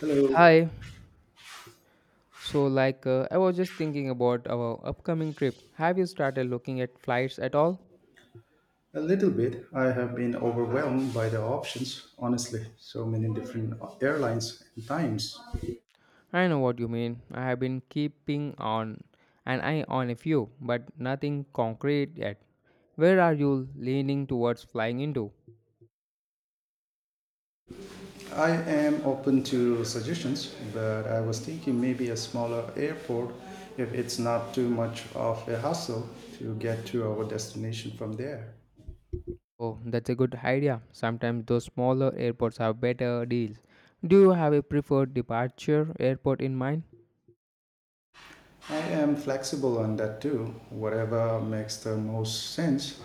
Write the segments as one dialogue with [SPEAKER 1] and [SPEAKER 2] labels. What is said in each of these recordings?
[SPEAKER 1] Hello.
[SPEAKER 2] Hi. I was just thinking about our upcoming trip. Have you started looking at flights at all?
[SPEAKER 1] A little bit. I have been overwhelmed by the options, honestly. So many different airlines and times.
[SPEAKER 2] I know what you mean. I have been keeping on an eye on a few, but nothing concrete yet. Where are you leaning towards flying into?
[SPEAKER 1] I am open to suggestions, but I was thinking maybe a smaller airport if it's not too much of a hassle to get to our destination from there.
[SPEAKER 2] Oh, that's a good idea. Sometimes those smaller airports have better deals. Do you have a preferred departure airport in mind?
[SPEAKER 1] I am flexible on that too, whatever makes the most sense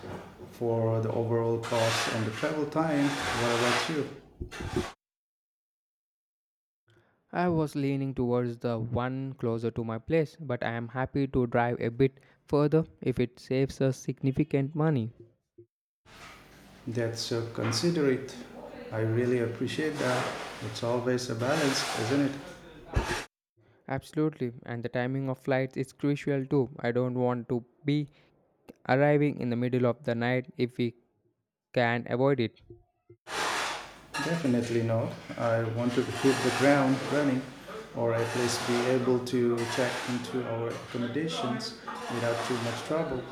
[SPEAKER 1] for the overall cost and the travel time, whatever too.
[SPEAKER 2] I was leaning towards the one closer to my place, but I am happy to drive a bit further if it saves us significant money.
[SPEAKER 1] That's so considerate. I really appreciate that. It's always a balance, isn't it?
[SPEAKER 2] Absolutely, and the timing of flights is crucial too. I don't want to be arriving in the middle of the night if we can avoid it.
[SPEAKER 1] Definitely no. I want to hit the ground running or at least be able to check into our accommodations without too much trouble.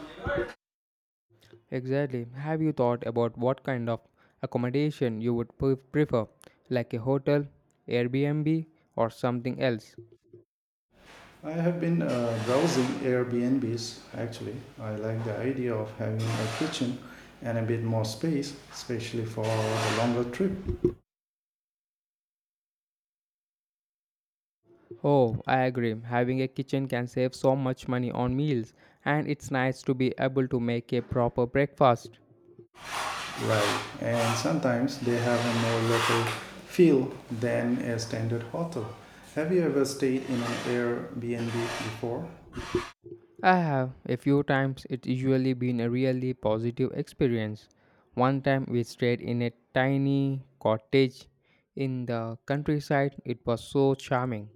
[SPEAKER 2] Exactly. Have you thought about what kind of accommodation you would prefer, like a hotel, Airbnb, or something else?
[SPEAKER 1] I have been browsing Airbnbs actually. I like the idea of having a kitchen and a bit more space, especially for the longer trip.
[SPEAKER 2] Oh, I agree. Having a kitchen can save so much money on meals, and it's nice to be able to make a proper breakfast.
[SPEAKER 1] Right. And sometimes they have a more local feel than a standard hotel. Have you ever stayed in an Airbnb before?
[SPEAKER 2] I have a few times it's usually been a really positive experience. One time we stayed in a tiny cottage in the countryside. It was so charming.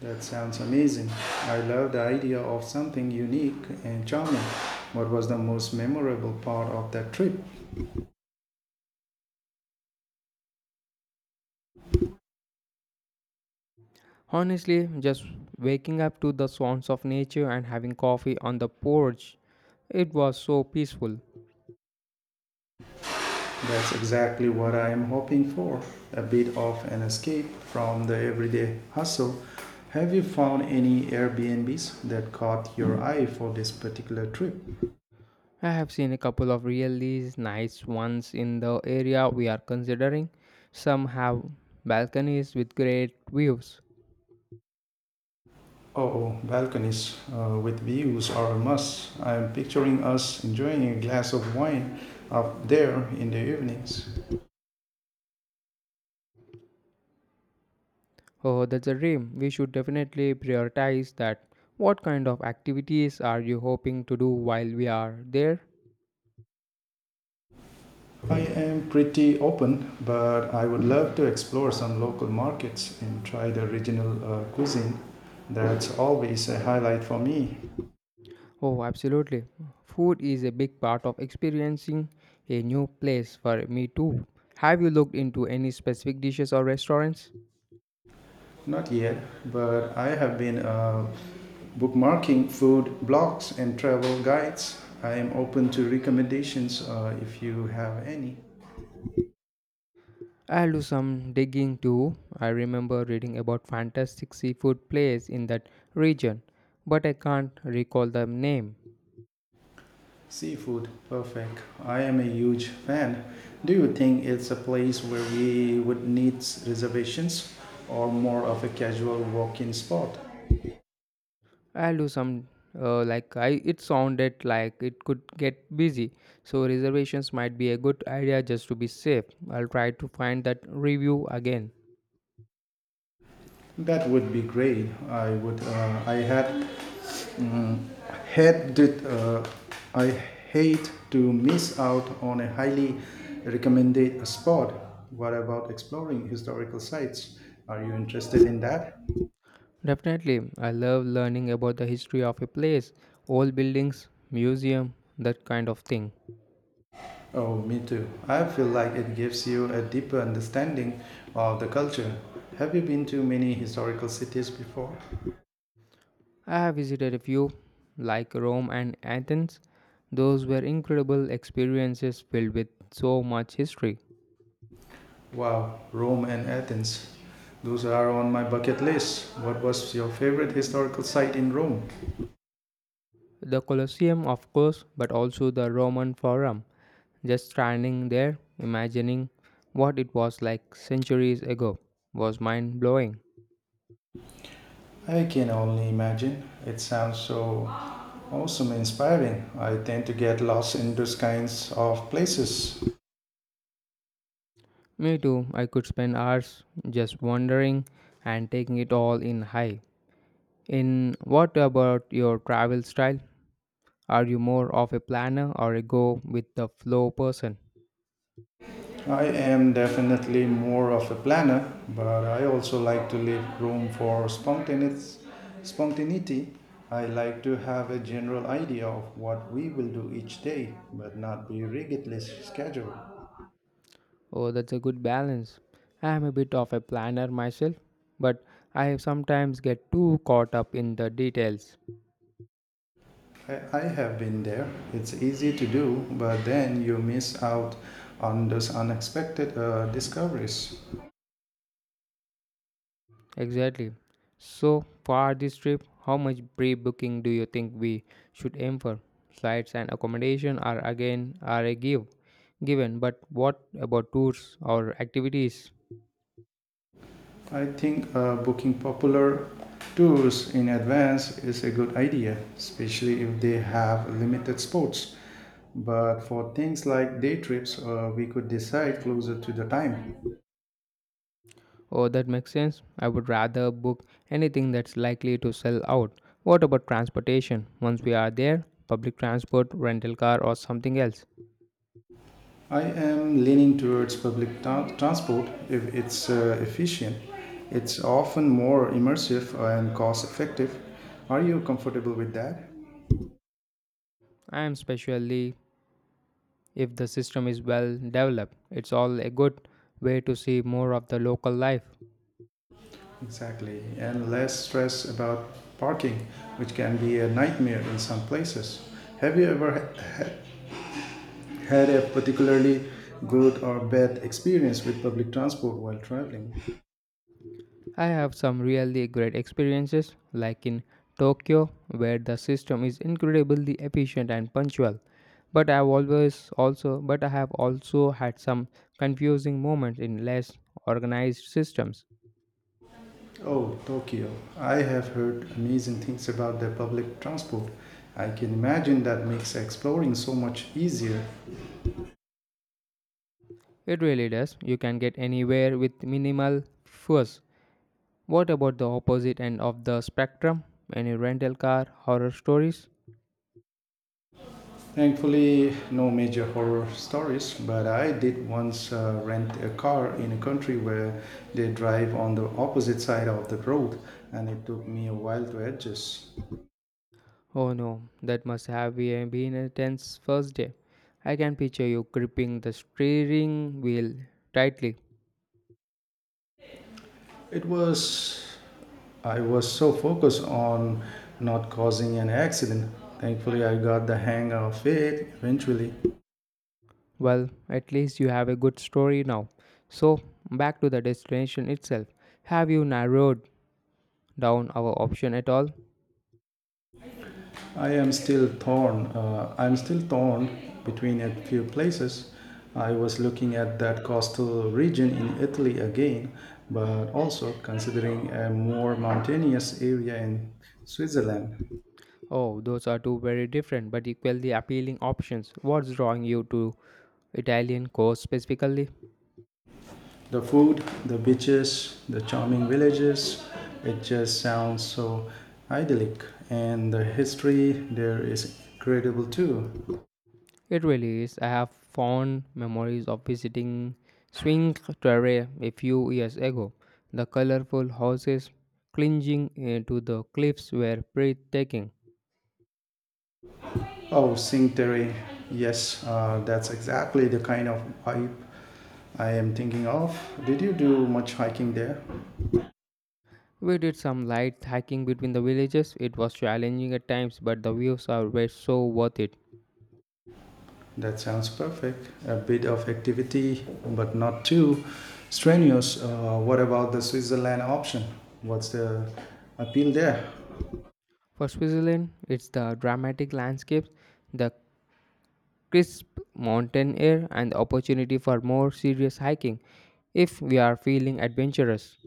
[SPEAKER 1] That sounds amazing. I love the idea of something unique and charming. What was the most memorable part of that trip?
[SPEAKER 2] Honestly, just waking up to the sounds of nature and having coffee on the porch, it was so peaceful.
[SPEAKER 1] That's exactly what I am hoping for a bit of an escape from the everyday hustle. Have you found any Airbnbs that caught your eye for this particular trip?
[SPEAKER 2] I have seen a couple of really nice ones in the area we are considering. Some have balconies with great views.
[SPEAKER 1] Oh, balconies with views are a must. I'm picturing us enjoying a glass of wine up there in the evenings.
[SPEAKER 2] Oh, that's a dream. We should definitely prioritize that. What kind of activities are you hoping to do while we are there?
[SPEAKER 1] I am pretty open, but I would love to explore some local markets and try the regional cuisine. That's always a highlight for me.
[SPEAKER 2] Oh, absolutely. Food is a big part of experiencing a new place for me too. Have you looked into any specific dishes or restaurants?
[SPEAKER 1] Not yet, but I have been bookmarking food blogs and travel guides. I am open to recommendations if you have any.
[SPEAKER 2] I'll do some digging too. I remember reading about fantastic seafood place in that region, but I can't recall the name.
[SPEAKER 1] Seafood, perfect. I am a huge fan. Do you think it's a place where we would need reservations or more of a casual walk-in spot?
[SPEAKER 2] I'll do some like I it sounded like it could get busy, so reservations might be a good idea just to be safe. I'll try to find that review again.
[SPEAKER 1] That would be great. I would. I had mm, had it. I hate to miss out on a highly recommended spot. What about exploring historical sites? Are you interested in that?
[SPEAKER 2] Definitely, I love learning about the history of a place, old buildings, museum, that kind of thing.
[SPEAKER 1] Oh, me too. I feel like it gives you a deeper understanding of the culture. Have you been to many historical cities before?
[SPEAKER 2] I have visited a few, like Rome and Athens. Those were incredible experiences filled with so much history.
[SPEAKER 1] Wow, Rome and Athens. Those are on my bucket list. What was your favorite historical site in Rome?
[SPEAKER 2] The Colosseum, of course, but also the Roman Forum. Just standing there, imagining what it was like centuries ago, was mind blowing.
[SPEAKER 1] I can only imagine. It sounds so awesome and inspiring. I tend to get lost in those kinds of places.
[SPEAKER 2] Me too, I could spend hours just wandering and taking it all in high. In what about your travel style? Are you more of a planner or a go with the flow person?
[SPEAKER 1] I am definitely more of a planner, but I also like to leave room for spontaneous spontaneity. I like to have a general idea of what we will do each day, but not be rigidly scheduled.
[SPEAKER 2] Oh, that's a good balance. I am a bit of a planner myself, but I sometimes get too caught up in the details.
[SPEAKER 1] I have been there. It's easy to do, but then you miss out on those unexpected discoveries.
[SPEAKER 2] Exactly. So, for this trip, how much pre booking do you think we should aim for? Flights and accommodation are a given, but what about tours or activities?
[SPEAKER 1] I think booking popular tours in advance is a good idea, especially if they have limited spots. But for things like day trips, we could decide closer to the time.
[SPEAKER 2] Oh, that makes sense. I would rather book anything that's likely to sell out. What about transportation? Once we are there, public transport, rental car, or something else?
[SPEAKER 1] I am leaning towards transport if it's efficient. It's often more immersive and cost effective. Are you comfortable with that?
[SPEAKER 2] And especially if the system is well developed, it's all a good way to see more of the local life.
[SPEAKER 1] Exactly, and less stress about parking, which can be a nightmare in some places. Have you ever had a particularly good or bad experience with public transport while traveling?
[SPEAKER 2] I have some really great experiences, like in Tokyo, where the system is incredibly efficient and punctual. But I have also had some confusing moments in less organized systems.
[SPEAKER 1] Oh, Tokyo. I have heard amazing things about the public transport. I can imagine that makes exploring so much easier.
[SPEAKER 2] It really does. You can get anywhere with minimal fuss. What about the opposite end of the spectrum? Any rental car horror stories?
[SPEAKER 1] Thankfully, no major horror stories, but I did once rent a car in a country where they drive on the opposite side of the road, and it took me a while to adjust.
[SPEAKER 2] Oh no, that must have been a tense first day. I can picture you gripping the steering wheel tightly.
[SPEAKER 1] It was, I was so focused on not causing an accident. Thankfully, I got the hang of it eventually.
[SPEAKER 2] Well, at least you have a good story now. So, back to the destination itself. Have you narrowed down our option at all?
[SPEAKER 1] I am still torn. I'm still torn between a few places. I was looking at that coastal region in Italy again, but also considering a more mountainous area in Switzerland.
[SPEAKER 2] Oh, those are two very different but equally appealing options. What's drawing you to Italian coast specifically?
[SPEAKER 1] The food, the beaches, the charming villages, it just sounds so idyllic. And the history there is incredible too.
[SPEAKER 2] It really is. I have fond memories of visiting Swing Terre a few years ago. The colorful houses clinging to the cliffs were breathtaking.
[SPEAKER 1] Oh, Cinque Terre. Yes, that's exactly the kind of vibe I am thinking of. Did you do much hiking there?
[SPEAKER 2] We did some light hiking between the villages. It was challenging at times, but the views are were so worth it.
[SPEAKER 1] That sounds perfect. A bit of activity, but not too strenuous. What about the Switzerland option? What's the appeal there?
[SPEAKER 2] For Switzerland, it's the dramatic landscapes, the crisp mountain air, and the opportunity for more serious hiking if we are feeling adventurous.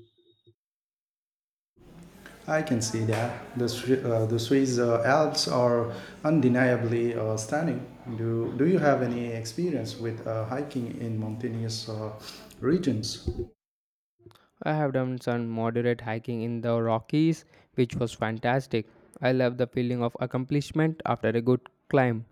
[SPEAKER 1] I can see that the Swiss Alps are undeniably stunning. Do you have any experience with hiking in mountainous regions?
[SPEAKER 2] I have done some moderate hiking in the Rockies, which was fantastic. I love the feeling of accomplishment after a good climb.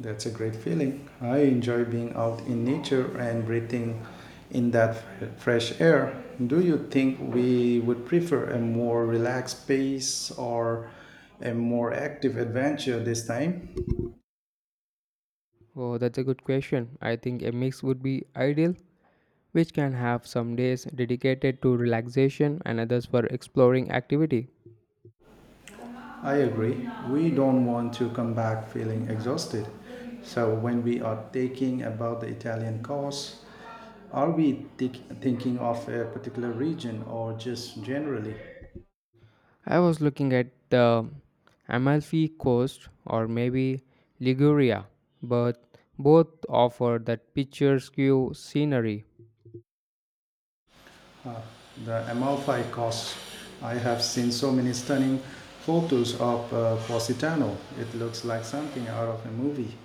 [SPEAKER 1] That's a great feeling. I enjoy being out in nature and breathing in that fresh air. Do you think we would prefer a more relaxed pace or a more active adventure this time?
[SPEAKER 2] Oh, that's a good question. I think a mix would be ideal, which can have some days dedicated to relaxation and others for exploring activity.
[SPEAKER 1] I agree. We don't want to come back feeling exhausted. So, when we are thinking about the Italian course, are we thi- thinking of a particular region or just generally?
[SPEAKER 2] I was looking at the Amalfi Coast or maybe Liguria, but both offer that picturesque scenery.
[SPEAKER 1] The Amalfi Coast. I have seen so many stunning photos of Positano. It looks like something out of a movie.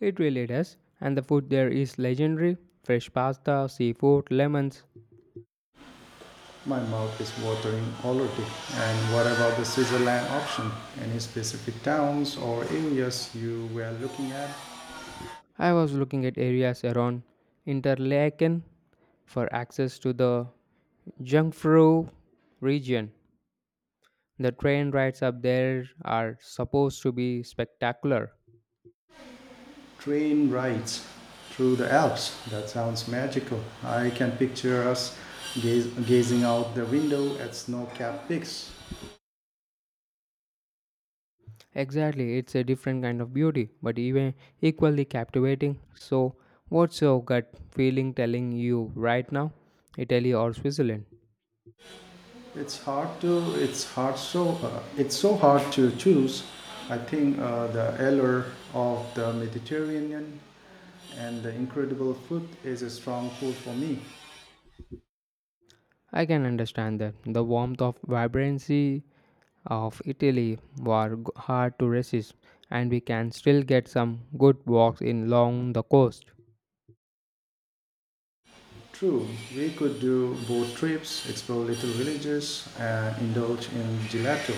[SPEAKER 2] It really does, and the food there is legendary fresh pasta, seafood, lemons.
[SPEAKER 1] My mouth is watering already. And what about the Switzerland option? Any specific towns or areas you were looking at?
[SPEAKER 2] I was looking at areas around Interlaken for access to the Jungfrau region. The train rides up there are supposed to be spectacular.
[SPEAKER 1] Train rides through the Alps. That sounds magical. I can picture us gazing out the window at snow capped peaks.
[SPEAKER 2] Exactly, it's a different kind of beauty, but even equally captivating. So, what's your gut feeling telling you right now? Italy or Switzerland?
[SPEAKER 1] It's hard to. It's hard. So it's so hard to choose. I think the allure of the Mediterranean and the incredible food is a strong pull for me.
[SPEAKER 2] I can understand that. The warmth of vibrancy of Italy were hard to resist, and we can still get some good walks in along the coast.
[SPEAKER 1] True, we could do boat trips, explore little villages, and indulge in gelato.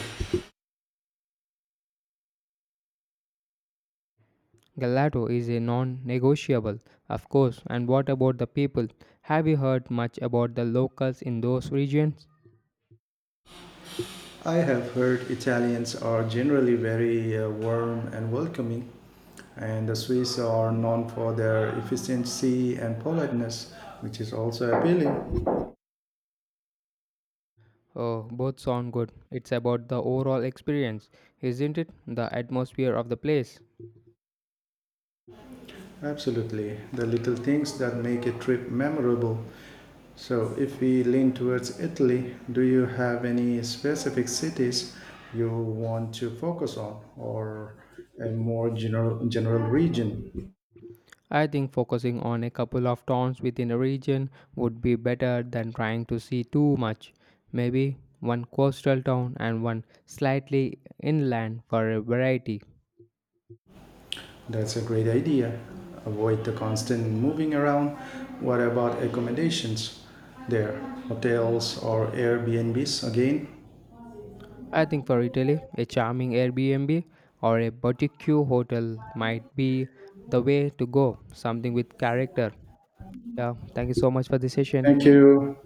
[SPEAKER 2] Gelato is a non negotiable, of course. And what about the people? Have you heard much about the locals in those regions?
[SPEAKER 1] I have heard Italians are generally very warm and welcoming, and the Swiss are known for their efficiency and politeness, which is also appealing.
[SPEAKER 2] Oh, both sound good. It's about the overall experience, isn't it? The atmosphere of the place.
[SPEAKER 1] Absolutely. The little things that make a trip memorable. So, if we lean towards Italy, do you have any specific cities you want to focus on or a more general region?
[SPEAKER 2] I think focusing on a couple of towns within a region would be better than trying to see too much. Maybe one coastal town and one slightly inland for a variety.
[SPEAKER 1] That's a great idea. Avoid the constant moving around. What about accommodations there? Hotels or Airbnbs again?
[SPEAKER 2] I think for Italy, a charming Airbnb or a boutique hotel might be the way to go, something with character. Yeah, thank you so much for this session.
[SPEAKER 1] Thank you.